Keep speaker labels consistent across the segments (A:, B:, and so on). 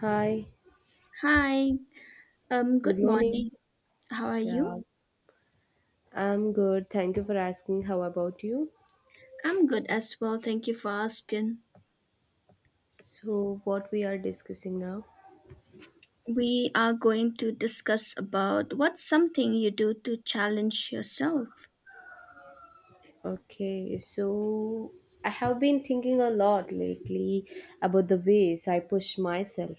A: Hi,
B: Hi,
A: good
B: good
A: morning.
B: morning. How are
A: Yeah,
B: you?
A: I'm good. Thank you for asking. How about you?
B: I'm good as well. Thank you for asking.
A: So, what we are discussing now?
B: We are going to discuss about what's something you do to challenge yourself.
A: Okay. I have been thinking a lot lately about the ways I push myself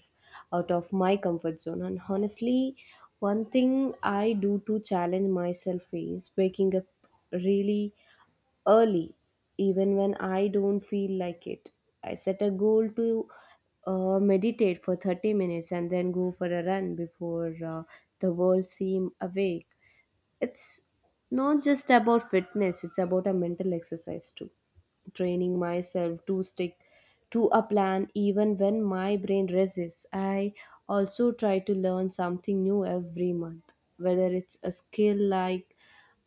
A: out of my comfort zone. And honestly, one thing I do to challenge myself is waking up really early, even when I don't feel like it. I set a goal to meditate for 30 minutes and then go for a run before the world seems awake. It's not just about fitness, it's about a mental exercise too. Training myself to stick to a plan even when my brain resists. I also try to learn something new every month, whether it's a skill like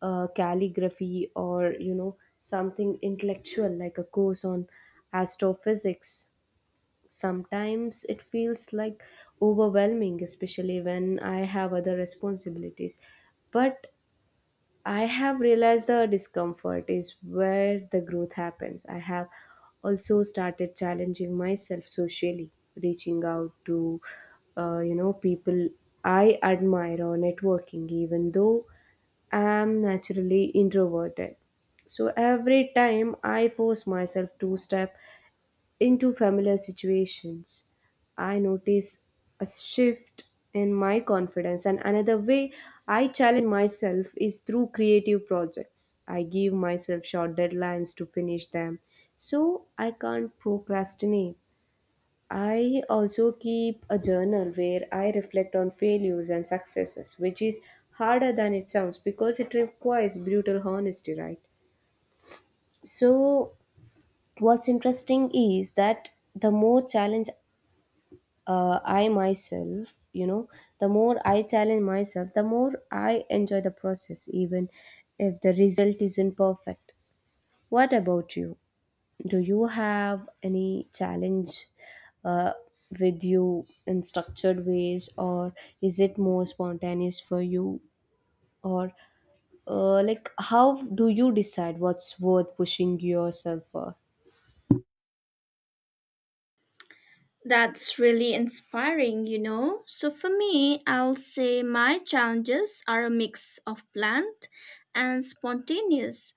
A: calligraphy or you know something intellectual like a course on astrophysics. Sometimes it feels like overwhelming, especially when I have other responsibilities, but I have realized the discomfort is where the growth happens. I have also started challenging myself socially, reaching out to you know people I admire or networking, even though I'm naturally introverted. So every time I force myself to step into familiar situations, I notice a shift in my confidence. And another way I challenge myself is through creative projects. I give myself short deadlines to finish them, so I can't procrastinate. I also keep a journal where I reflect on failures and successes, which is harder than it sounds because it requires brutal honesty, right? So, what's interesting is that uh, I myself, you know, the more I challenge myself, the more I enjoy the process, even if the result isn't perfect. What about you? Do you have any challenge uh, with you in structured ways, or is it more spontaneous for you? Or, how do you decide what's worth pushing yourself for?
B: That's really inspiring, you know. So for me, I'll say my challenges are a mix of planned and spontaneous.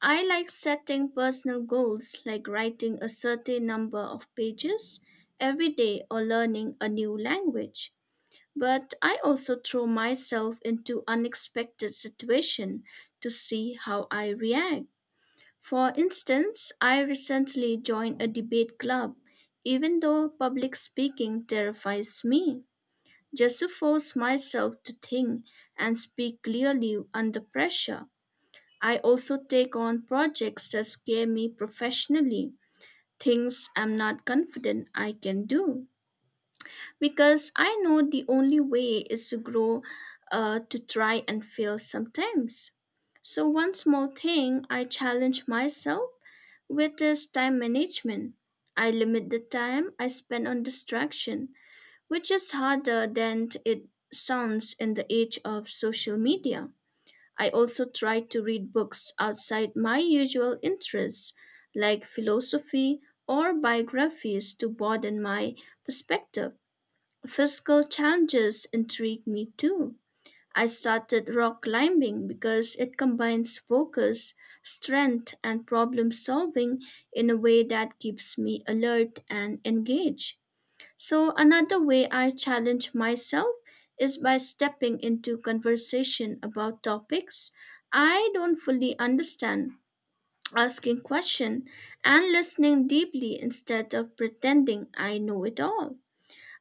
B: I like setting personal goals like writing a certain number of pages every day or learning a new language. But I also throw myself into unexpected situations to see how I react. For instance, I recently joined a debate club, even though public speaking terrifies me, just to force myself to think and speak clearly under pressure. I also take on projects that scare me professionally, things I'm not confident I can do because I know the only way is to grow, to try and fail sometimes. So, one small thing I challenge myself with is time management. I limit the time I spend on distraction, which is harder than it sounds in the age of social media. I also try to read books outside my usual interests, like philosophy or biographies, to broaden my perspective. Physical challenges intrigue me too. I started rock climbing because it combines focus, strength, and problem solving in a way that keeps me alert and engaged. So, another way I challenge myself is by stepping into conversation about topics I don't fully understand, asking questions, and listening deeply instead of pretending I know it all.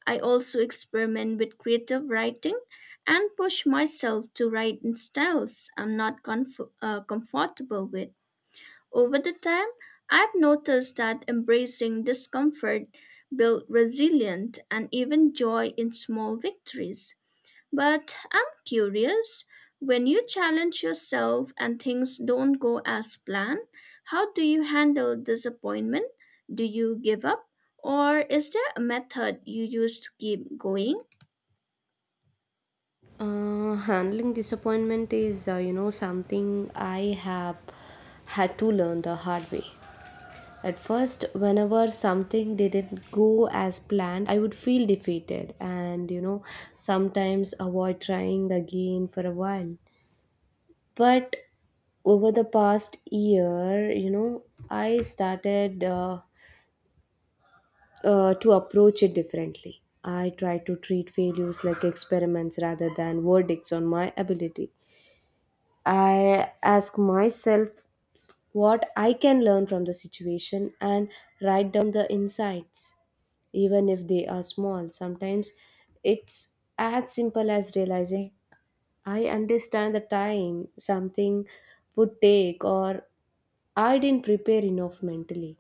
B: I also experiment with creative writing and push myself to write in styles I'm not comfortable with. Over the time, I've noticed that embracing discomfort builds resilience and even joy in small victories. But I'm curious, when you challenge yourself and things don't go as planned, how do you handle disappointment? Do you give up? Or is there a method you use to keep going?
A: Handling disappointment is, you know, something I have had to learn the hard way. At first, whenever something didn't go as planned, I would feel defeated and, you know, sometimes avoid trying again for a while. But over the past year, you know, I started to approach it differently. I try to treat failures like experiments rather than verdicts on my ability. I ask myself what I can learn from the situation and write down the insights, even if they are small. Sometimes it's as simple as realizing I understand the time something would take, or I didn't prepare enough mentally.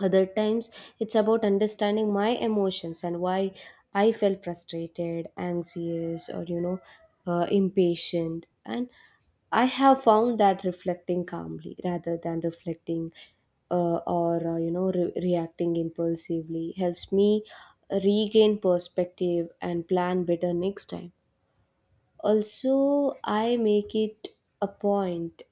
A: Other times, it's about understanding my emotions and why I felt frustrated, anxious, or impatient. And I have found that reflecting calmly rather than reflecting or you know re- reacting impulsively helps me regain perspective and plan better next time. Also, I make it a point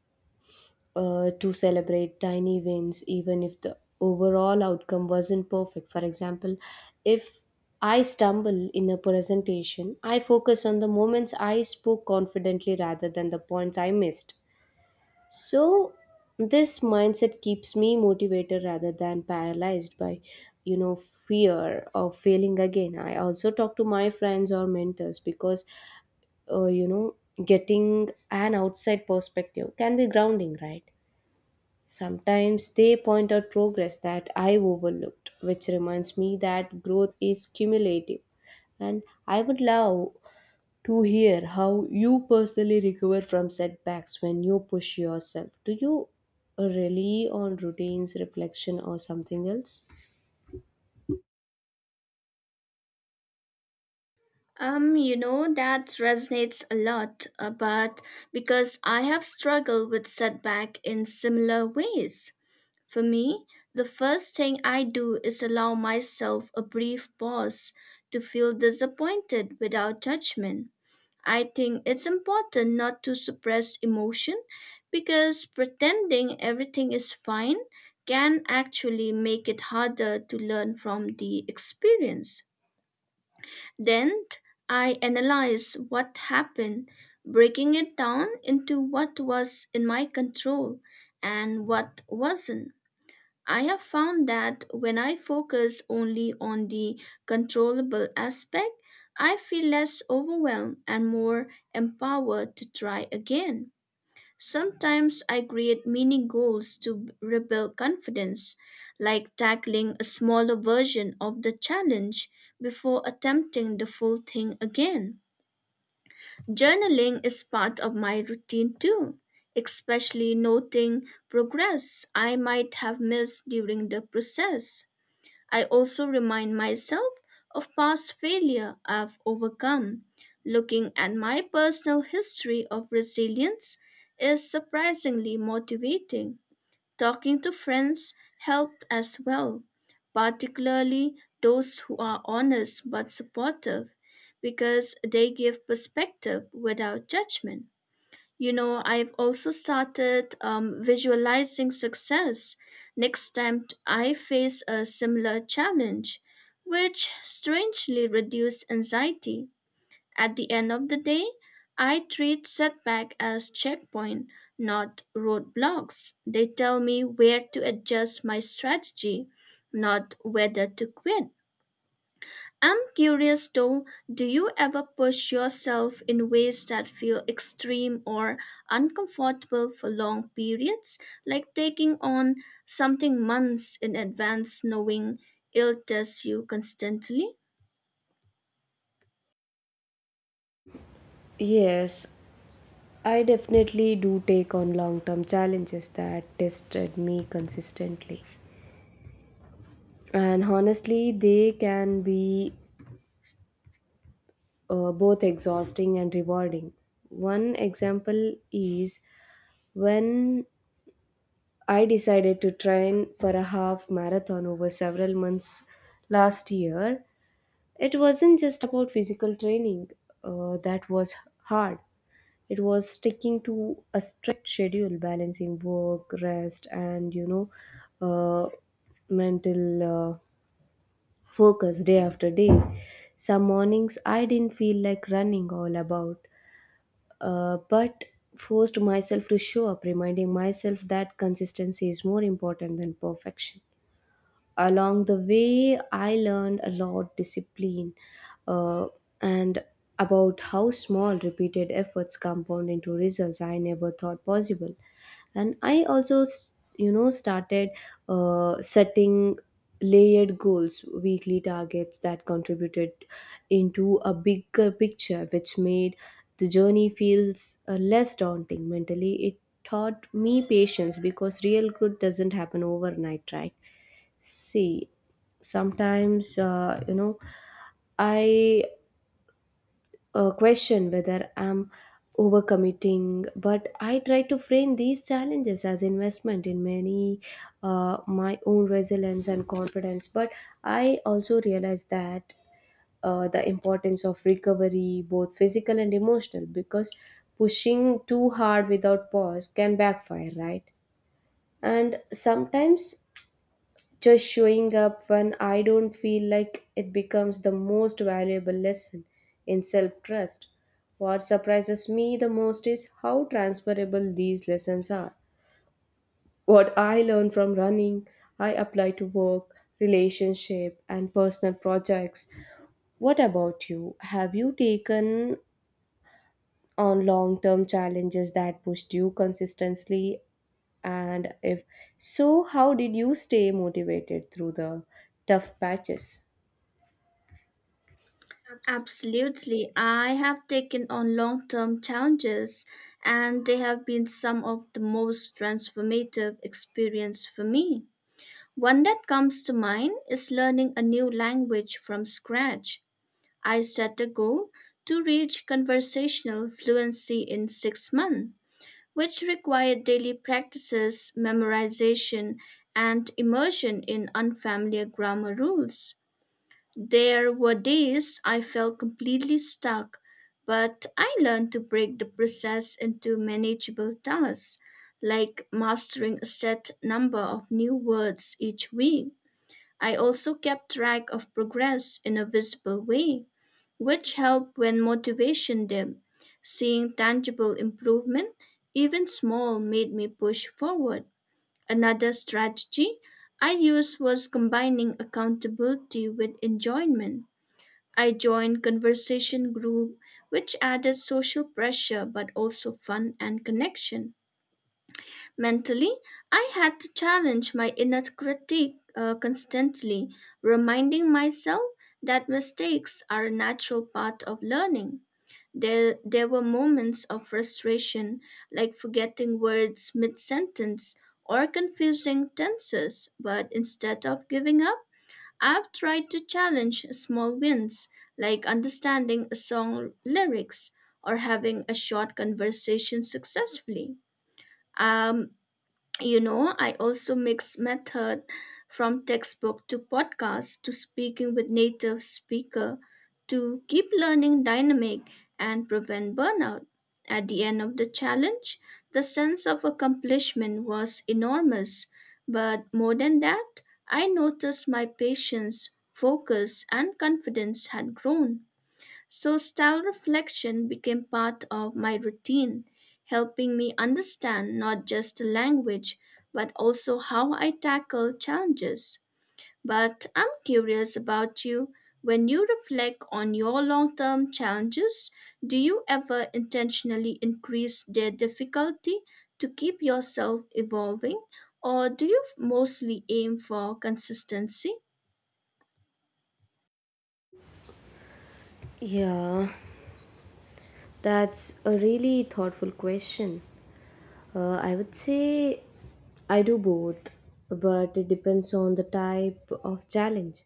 A: to celebrate tiny wins, even if the overall outcome wasn't perfect. For example, if I stumble in a presentation, I focus on the moments I spoke confidently rather than the points I missed. So, this mindset keeps me motivated rather than paralyzed by, you know, fear of failing again. I also talk to my friends or mentors because, uh, you know, getting an outside perspective can be grounding, right? Sometimes they point out progress that I overlooked, which reminds me that growth is cumulative. And I would love to hear how you personally recover from setbacks when you push yourself. Do you rely on routines, reflection, or something else?
B: You know, that resonates a lot, but because I have struggled with setback in similar ways. For me, the first thing I do is allow myself a brief pause to feel disappointed without judgment. I think it's important not to suppress emotion because pretending everything is fine can actually make it harder to learn from the experience. Then I analyze what happened, breaking it down into what was in my control and what wasn't. I have found that when I focus only on the controllable aspect, I feel less overwhelmed and more empowered to try again. Sometimes I create mini goals to rebuild confidence, like tackling a smaller version of the challenge before attempting the full thing again. Journaling is part of my routine too, especially noting progress I might have missed during the process. I also remind myself of past failure I've overcome. Looking at my personal history of resilience is surprisingly motivating. Talking to friends help as well, particularly those who are honest but supportive, because they give perspective without judgment. You know, I've also started visualizing success next time I face a similar challenge, which strangely reduced anxiety. At the end of the day, I treat setback as checkpoint, not roadblocks. They tell me where to adjust my strategy, not whether to quit. I'm curious though, do you ever push yourself in ways that feel extreme or uncomfortable for long periods, like taking on something months in advance knowing it'll test you constantly?
A: Yes, I definitely do take on long term challenges that tested me consistently. And honestly, they can be both exhausting and rewarding. One example is when I decided to train for a half marathon over several months last year. It wasn't just about physical training that was hard, it was sticking to a strict schedule, balancing work, rest, and uh, mental uh, focus day after day. Some mornings I didn't feel like running all about but forced myself to show up, reminding myself that consistency is more important than perfection. Along the way I learned a lot discipline, uh, and about how small repeated efforts compound into results I never thought possible. And I also started setting layered goals, weekly targets that contributed into a bigger picture, which made the journey feels less daunting. Mentally, it taught me patience because real growth doesn't happen overnight, right? See, sometimes, I question whether I'm overcommitting, but I try to frame these challenges as investment in many my own resilience and confidence. But I also realize that the importance of recovery, both physical and emotional, because pushing too hard without pause can backfire, right? And sometimes just showing up when I don't feel like it becomes the most valuable lesson in self trust. What surprises me the most is how transferable these lessons are. What I learn from running, I apply to work, relationship, and personal projects. What about you? Have you taken on long term challenges that pushed you consistently? And if so, how did you stay motivated through the tough patches?
B: Absolutely. I have taken on long term challenges, and they have been some of the most transformative experience for me. One that comes to mind is learning a new language from scratch. I set a goal to reach conversational fluency in 6 months, which required daily practices, memorization, and immersion in unfamiliar grammar rules. There were days I felt completely stuck, but I learned to break the process into manageable tasks, like mastering a set number of new words each week. I also kept track of progress in a visible way, which helped when motivation dipped. Seeing tangible improvement, even small, made me push forward. Another strategy I used was combining accountability with enjoyment I joined conversation group which added social pressure but also fun and connection. Mentally, I had to challenge my inner critique constantly, reminding myself that mistakes are a natural part of learning. There were moments of frustration, like forgetting words mid sentence or confusing tenses, but instead of giving up, I've tried to challenge small wins, like understanding a song lyrics or having a short conversation successfully. Um, you know, I also mix method from textbook to podcast to speaking with native speaker to keep learning dynamic and prevent burnout. At the end of the challenge, the sense of accomplishment was enormous, but more than that, I noticed my patience, focus, and confidence had grown. So, style reflection became part of my routine, helping me understand not just the language, but also how I tackle challenges. But I'm curious about you. When you reflect on your long term challenges, do you ever intentionally increase their difficulty to keep yourself evolving, or do you mostly aim for consistency?
A: Yeah, that's a really thoughtful question. I would say I do both, but it depends on the type of challenge.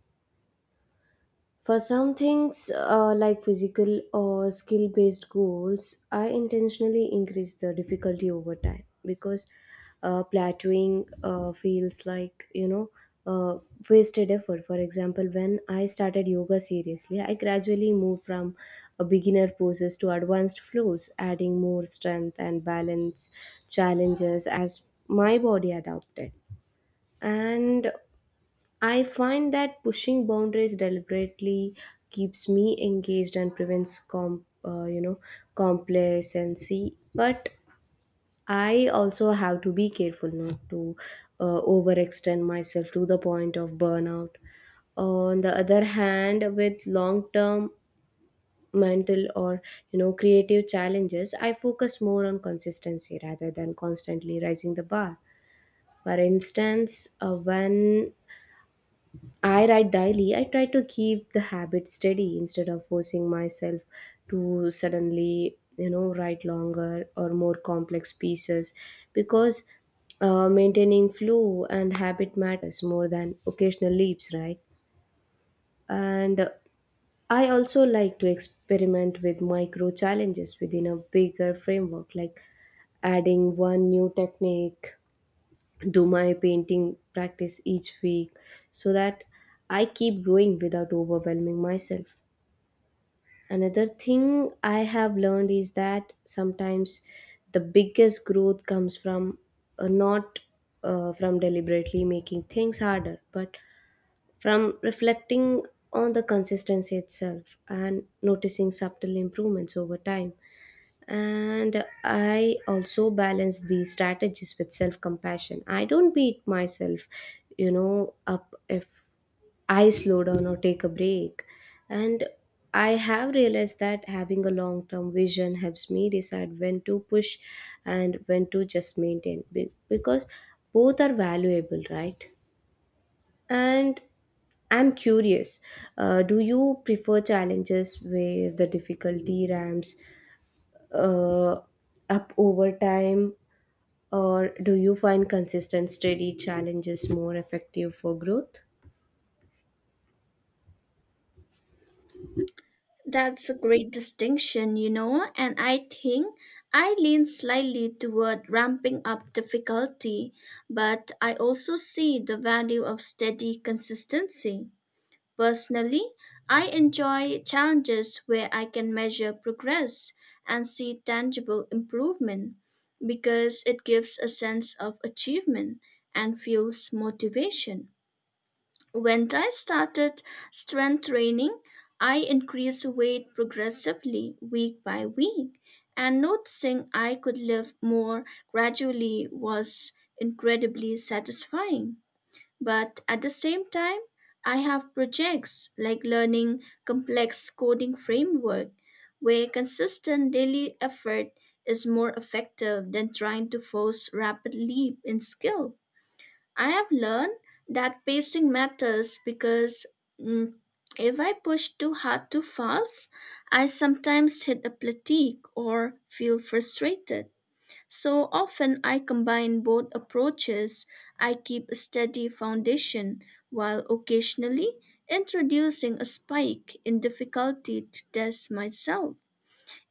A: For some things like physical or skill based goals, I intentionally increase the difficulty over time because plateauing feels like, uh, wasted effort. For example, when I started yoga seriously, I gradually moved from a beginner poses to advanced flows, adding more strength and balance challenges as my body adapted, and I find that pushing boundaries deliberately keeps me engaged and prevents complacency. But I also have to be careful not to overextend myself to the point of burnout. On the other hand, with long-term mental or you know creative challenges, I focus more on consistency rather than constantly raising the bar. For instance, when I write daily. I try to keep the habit steady instead of forcing myself to suddenly, you know, write longer or more complex pieces because maintaining flow and habit matters more than occasional leaps, right? And I also like to experiment with micro challenges within a bigger framework, like adding one new technique do my painting practice each week, so that I keep growing without overwhelming myself. Another thing I have learned is that sometimes the biggest growth comes from not from deliberately making things harder, but from reflecting on the consistency itself and noticing subtle improvements over time. And I also balance these strategies with self compassion. I don't beat myself, you know, up if I slow down or take a break. And I have realized that having a long term vision helps me decide when to push and when to just because both are valuable, right? And I'm curious, do you prefer challenges where the difficulty ramps uh, up over time, or do you find consistent, steady challenges more effective for growth?
B: That's a great distinction, you know, and I think I lean slightly toward ramping up difficulty, but I also see the value of steady consistency. Personally, I enjoy challenges where I can measure progress and see tangible improvement because it gives a sense of achievement and fuels motivation. When I started strength training, I increased weight progressively week by week, and noticing I could lift more gradually was incredibly satisfying. But at the same time, I have projects like learning complex coding framework where consistent daily effort is more effective than trying to force rapid leap in skill. I have learned that pacing matters because mm, if I push too hard too fast, I sometimes hit a fatigue or feel frustrated. So often I combine both approaches. I keep a steady foundation while occasionally introducing a spike in difficulty to test myself.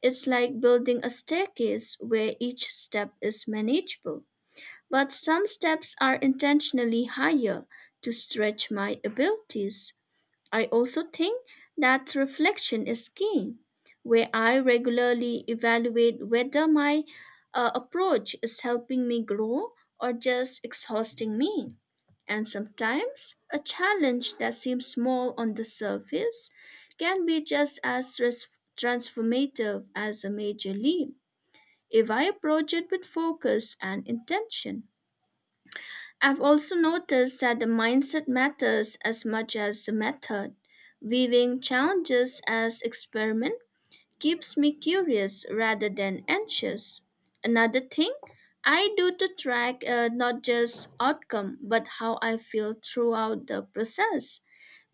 B: It's like building a staircase where each step is manageable. But some steps are intentionally higher to stretch my abilities. I also think that reflection is key, where I regularly evaluate whether my approach is helping me grow or just exhausting me. And sometimes a challenge that seems small on the surface can be just as transformative as a major leap if I approach it with focus and intention. I've also noticed that the mindset matters as much as the method. Viewing challenges as experiment keeps me curious rather than anxious. Another thing I do to track not just outcome but how I feel throughout the process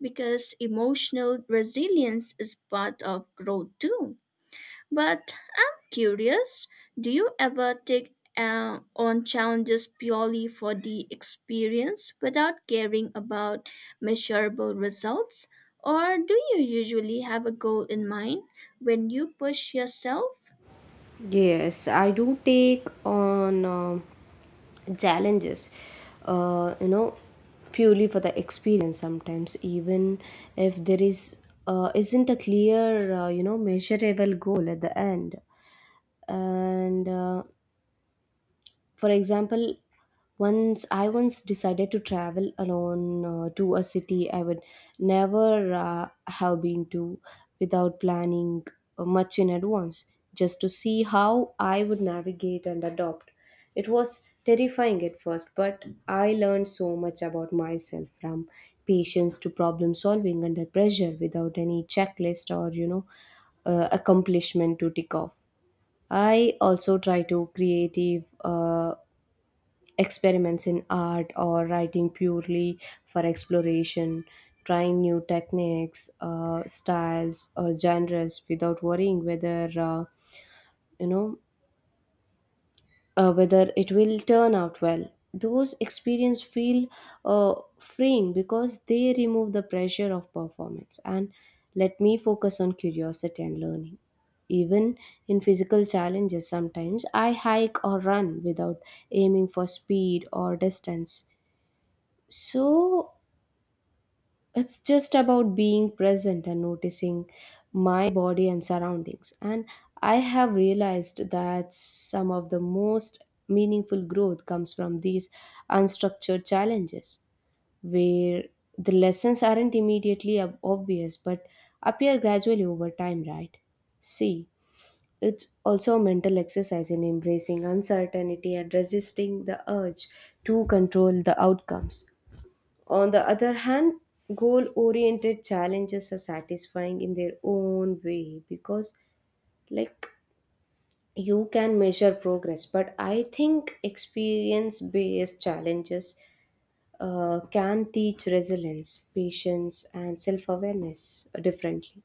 B: because emotional resilience is part of growth too. But I'm curious, do you ever take on challenges purely for the experience without caring about measurable results? Or do you usually have a goal in mind when you push yourself?
A: Yes, I do take on challenges, uh, you know, purely for the experience sometimes, even if there is isn't a clear, measurable goal at the end. And For example, once decided to travel alone to a city I would never have been to without planning much in advance, just to see how I would navigate and adopt. It was terrifying at first, but I learned so much about myself, from patience to problem solving under pressure, without any checklist or, accomplishment to tick off. I also try to creative experiments in art or writing purely for exploration, trying new techniques, styles, or genres without worrying you know, whether it will turn out well. Those experience feel freeing because they remove the pressure of performance and let me focus on curiosity and learning. Even in physical challenges, sometimes I hike or run without aiming for speed or distance, so it's just about being present and noticing my body and surroundings. And I have realized that some of the most meaningful growth comes from these unstructured challenges, where the lessons aren't immediately obvious but appear gradually over time, right? See, it's also a mental exercise in embracing uncertainty and resisting the urge to control the outcomes. On the other hand, goal oriented challenges are satisfying in their own way because, like, you can measure progress, but I think experience based challenges can teach resilience, patience, and self awareness differently.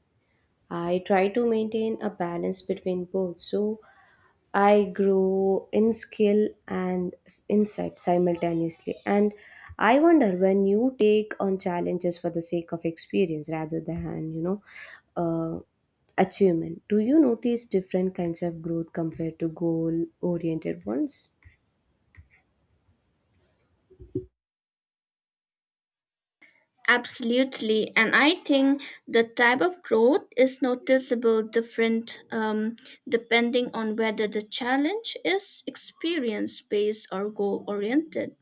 A: I try to maintain a balance between both. So, I grew in skill and insight simultaneously. And I wonder, when you take on challenges for the sake of experience rather than, uh, achievement, do you notice different kinds of growth compared to goal oriented ones?
B: Absolutely, and I think the type of growth is noticeable different depending on whether the challenge is experience based or goal oriented.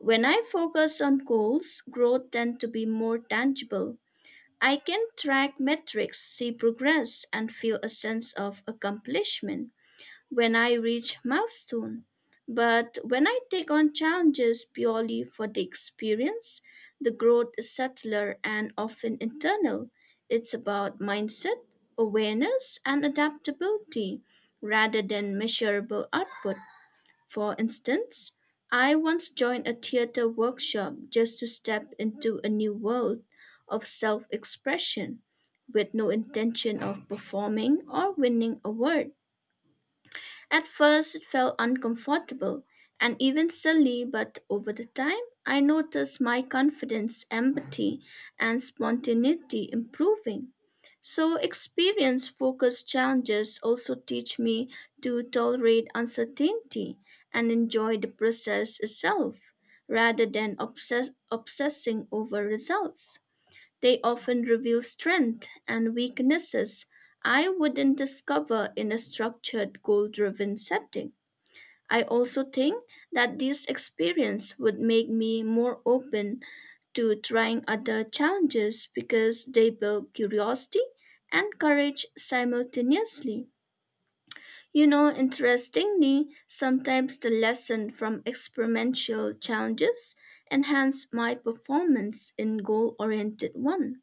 B: When I focus on goals, growth tends to be more tangible. I can track metrics, see progress, and feel a sense of accomplishment when I reach milestone. But when I take on challenges purely for the experience, the growth is subtler and often internal. It's about mindset, awareness, and adaptability rather than measurable output. For instance, I once joined a theater workshop just to step into a new world of self expression with no intention of performing or winning a award. At first, it felt uncomfortable and even silly, but over the time, I noticed my confidence, empathy, and spontaneity improving. So, experience focused challenges also teach me to tolerate uncertainty and enjoy the process itself rather than obsessing over results. They often reveal strengths and weaknesses I wouldn't discover in a structured goal driven setting. I also think that this experience would make me more open to trying other challenges because they build curiosity and courage simultaneously. You know, interestingly, sometimes the lesson from experimental challenges enhance my performance in goal-oriented one.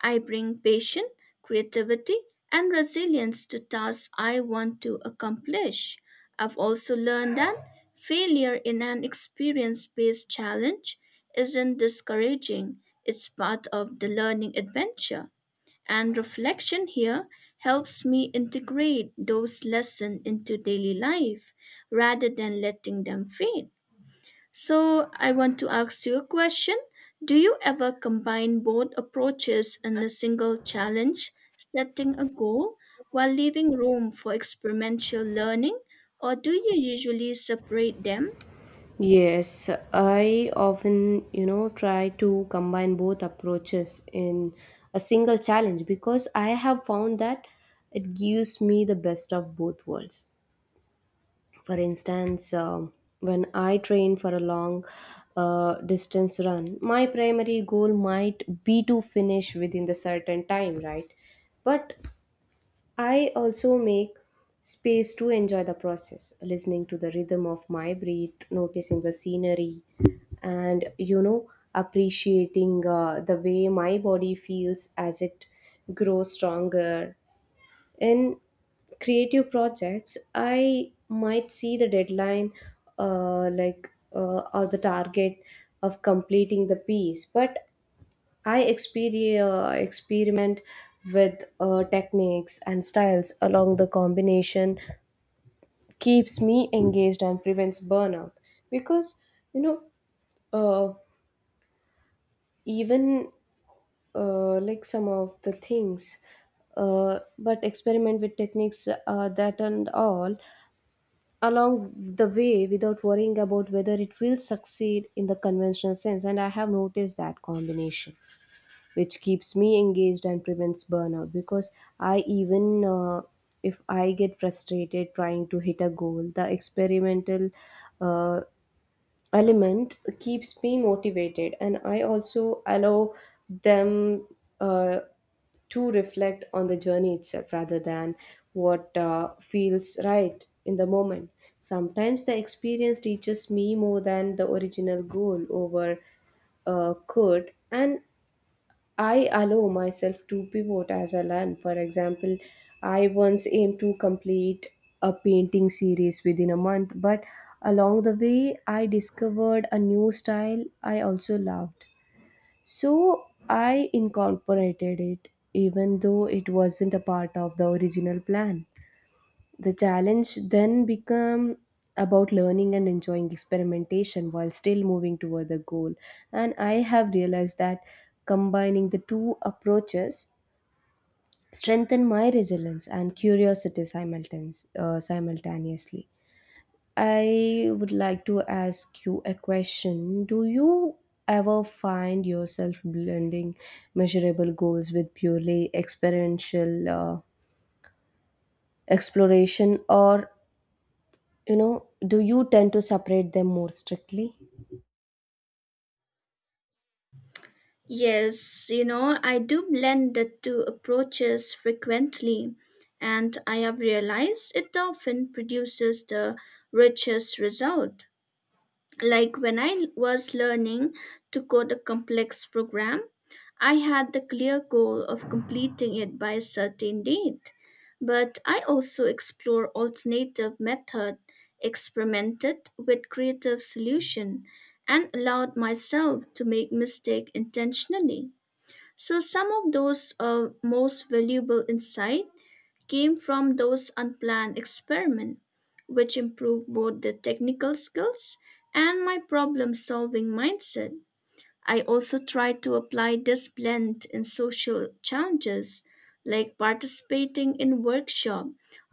B: I bring patience, creativity, and resilience to tasks I want to accomplish. I've also learned that failure in an experience based challenge isn't discouraging, it's part of the learning adventure. And reflection here helps me integrate those lessons into daily life rather than letting them fade. So, I want to ask you a question. Do you ever combine both approaches in a single challenge, setting a goal while leaving room for experimental learning, or do you usually separate them?
A: Yes, I often, you know, try to combine both approaches in a single challenge because I have found that it gives me the best of both worlds. For instance, when I train for a long distance run, my primary goal might be to finish within the certain time, right? But I also make space to enjoy the process, listening to the rhythm of my breath, noticing the scenery, and you know, appreciating the way my body feels as it grows stronger. In creative projects I might see the deadline, like or the target of completing the piece, but I experiment with techniques and styles along. The combination keeps me engaged and prevents burnout because you know uh, even like some of the things but experiment with techniques that and all along the way without worrying about whether it will succeed in the conventional sense. And I have noticed that combination, which keeps me engaged and prevents burnout, because I even if I get frustrated trying to hit a goal, the experimental uh, element keeps me motivated. And I also allow them uh, to reflect on the journey itself rather than what feels right in the moment. Sometimes the experience teaches me more than the original goal over could, and I allow myself to pivot as I learn. For example, I once aimed to complete a painting series within a month, but along the way, I discovered a new style I also loved. So I incorporated it, even though it wasn't a part of the original plan. The challenge then become about learning and enjoying experimentation while still moving toward the goal. And I have realized that combining the two approaches strengthen my resilience and curiosity simultaneously. I would like to ask you a question. Do you ever find yourself blending measurable goals with purely experiential exploration, or you know, do you tend to separate them more strictly?
B: Yes, you know, I do blend the two approaches frequently, and I have realized it often produces the richest result. Like when I was learning to code a complex program, I had the clear goal of completing it by a certain date. But I also explored alternative method, experimented with creative solution, and allowed myself to make mistake intentionally. So some of those most valuable insight came from those unplanned experiments, which improved both the technical skills and my problem solving mindset. I also try to apply this blend in social challenges like participating in workshop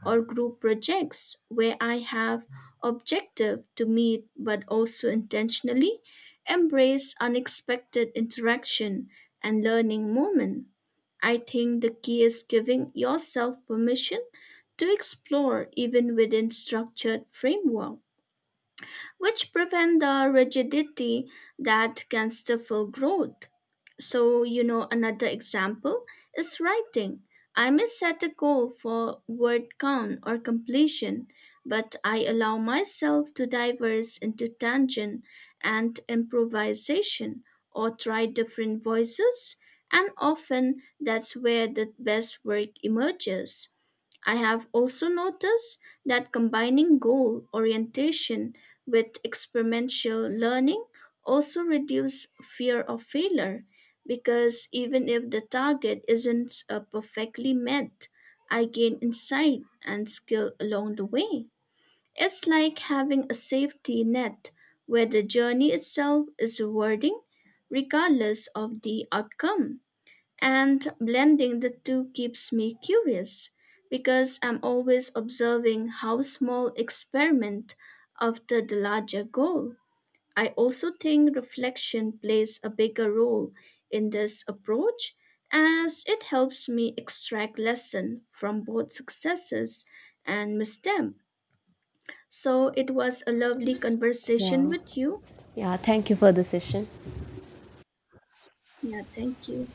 B: or group projects where I have objective to meet but also intentionally embrace unexpected interaction and learning moment. I think the key is giving yourself permission to explore even within structured framework which prevent the rigidity that can stifle growth. So, you know, another example is writing. I may set a goal for word count or completion, but I allow myself to diverge into tangent and improvisation or try different voices, and often that's where the best work emerges. I have also noticed that combining goal orientation with experiential learning also reduces fear of failure because even if the target isn't perfectly met, I gain insight and skill along the way. It's like having a safety net where the journey itself is rewarding regardless of the outcome. And blending the two keeps me curious because I'm always observing how small experiment after the larger goal. I also think reflection plays a bigger role in this approach as it helps me extract lesson from both successes and misstep. So it was a lovely conversation
A: Yeah.
B: with you.
A: Yeah. Thank you for the session.
B: Yeah, thank you.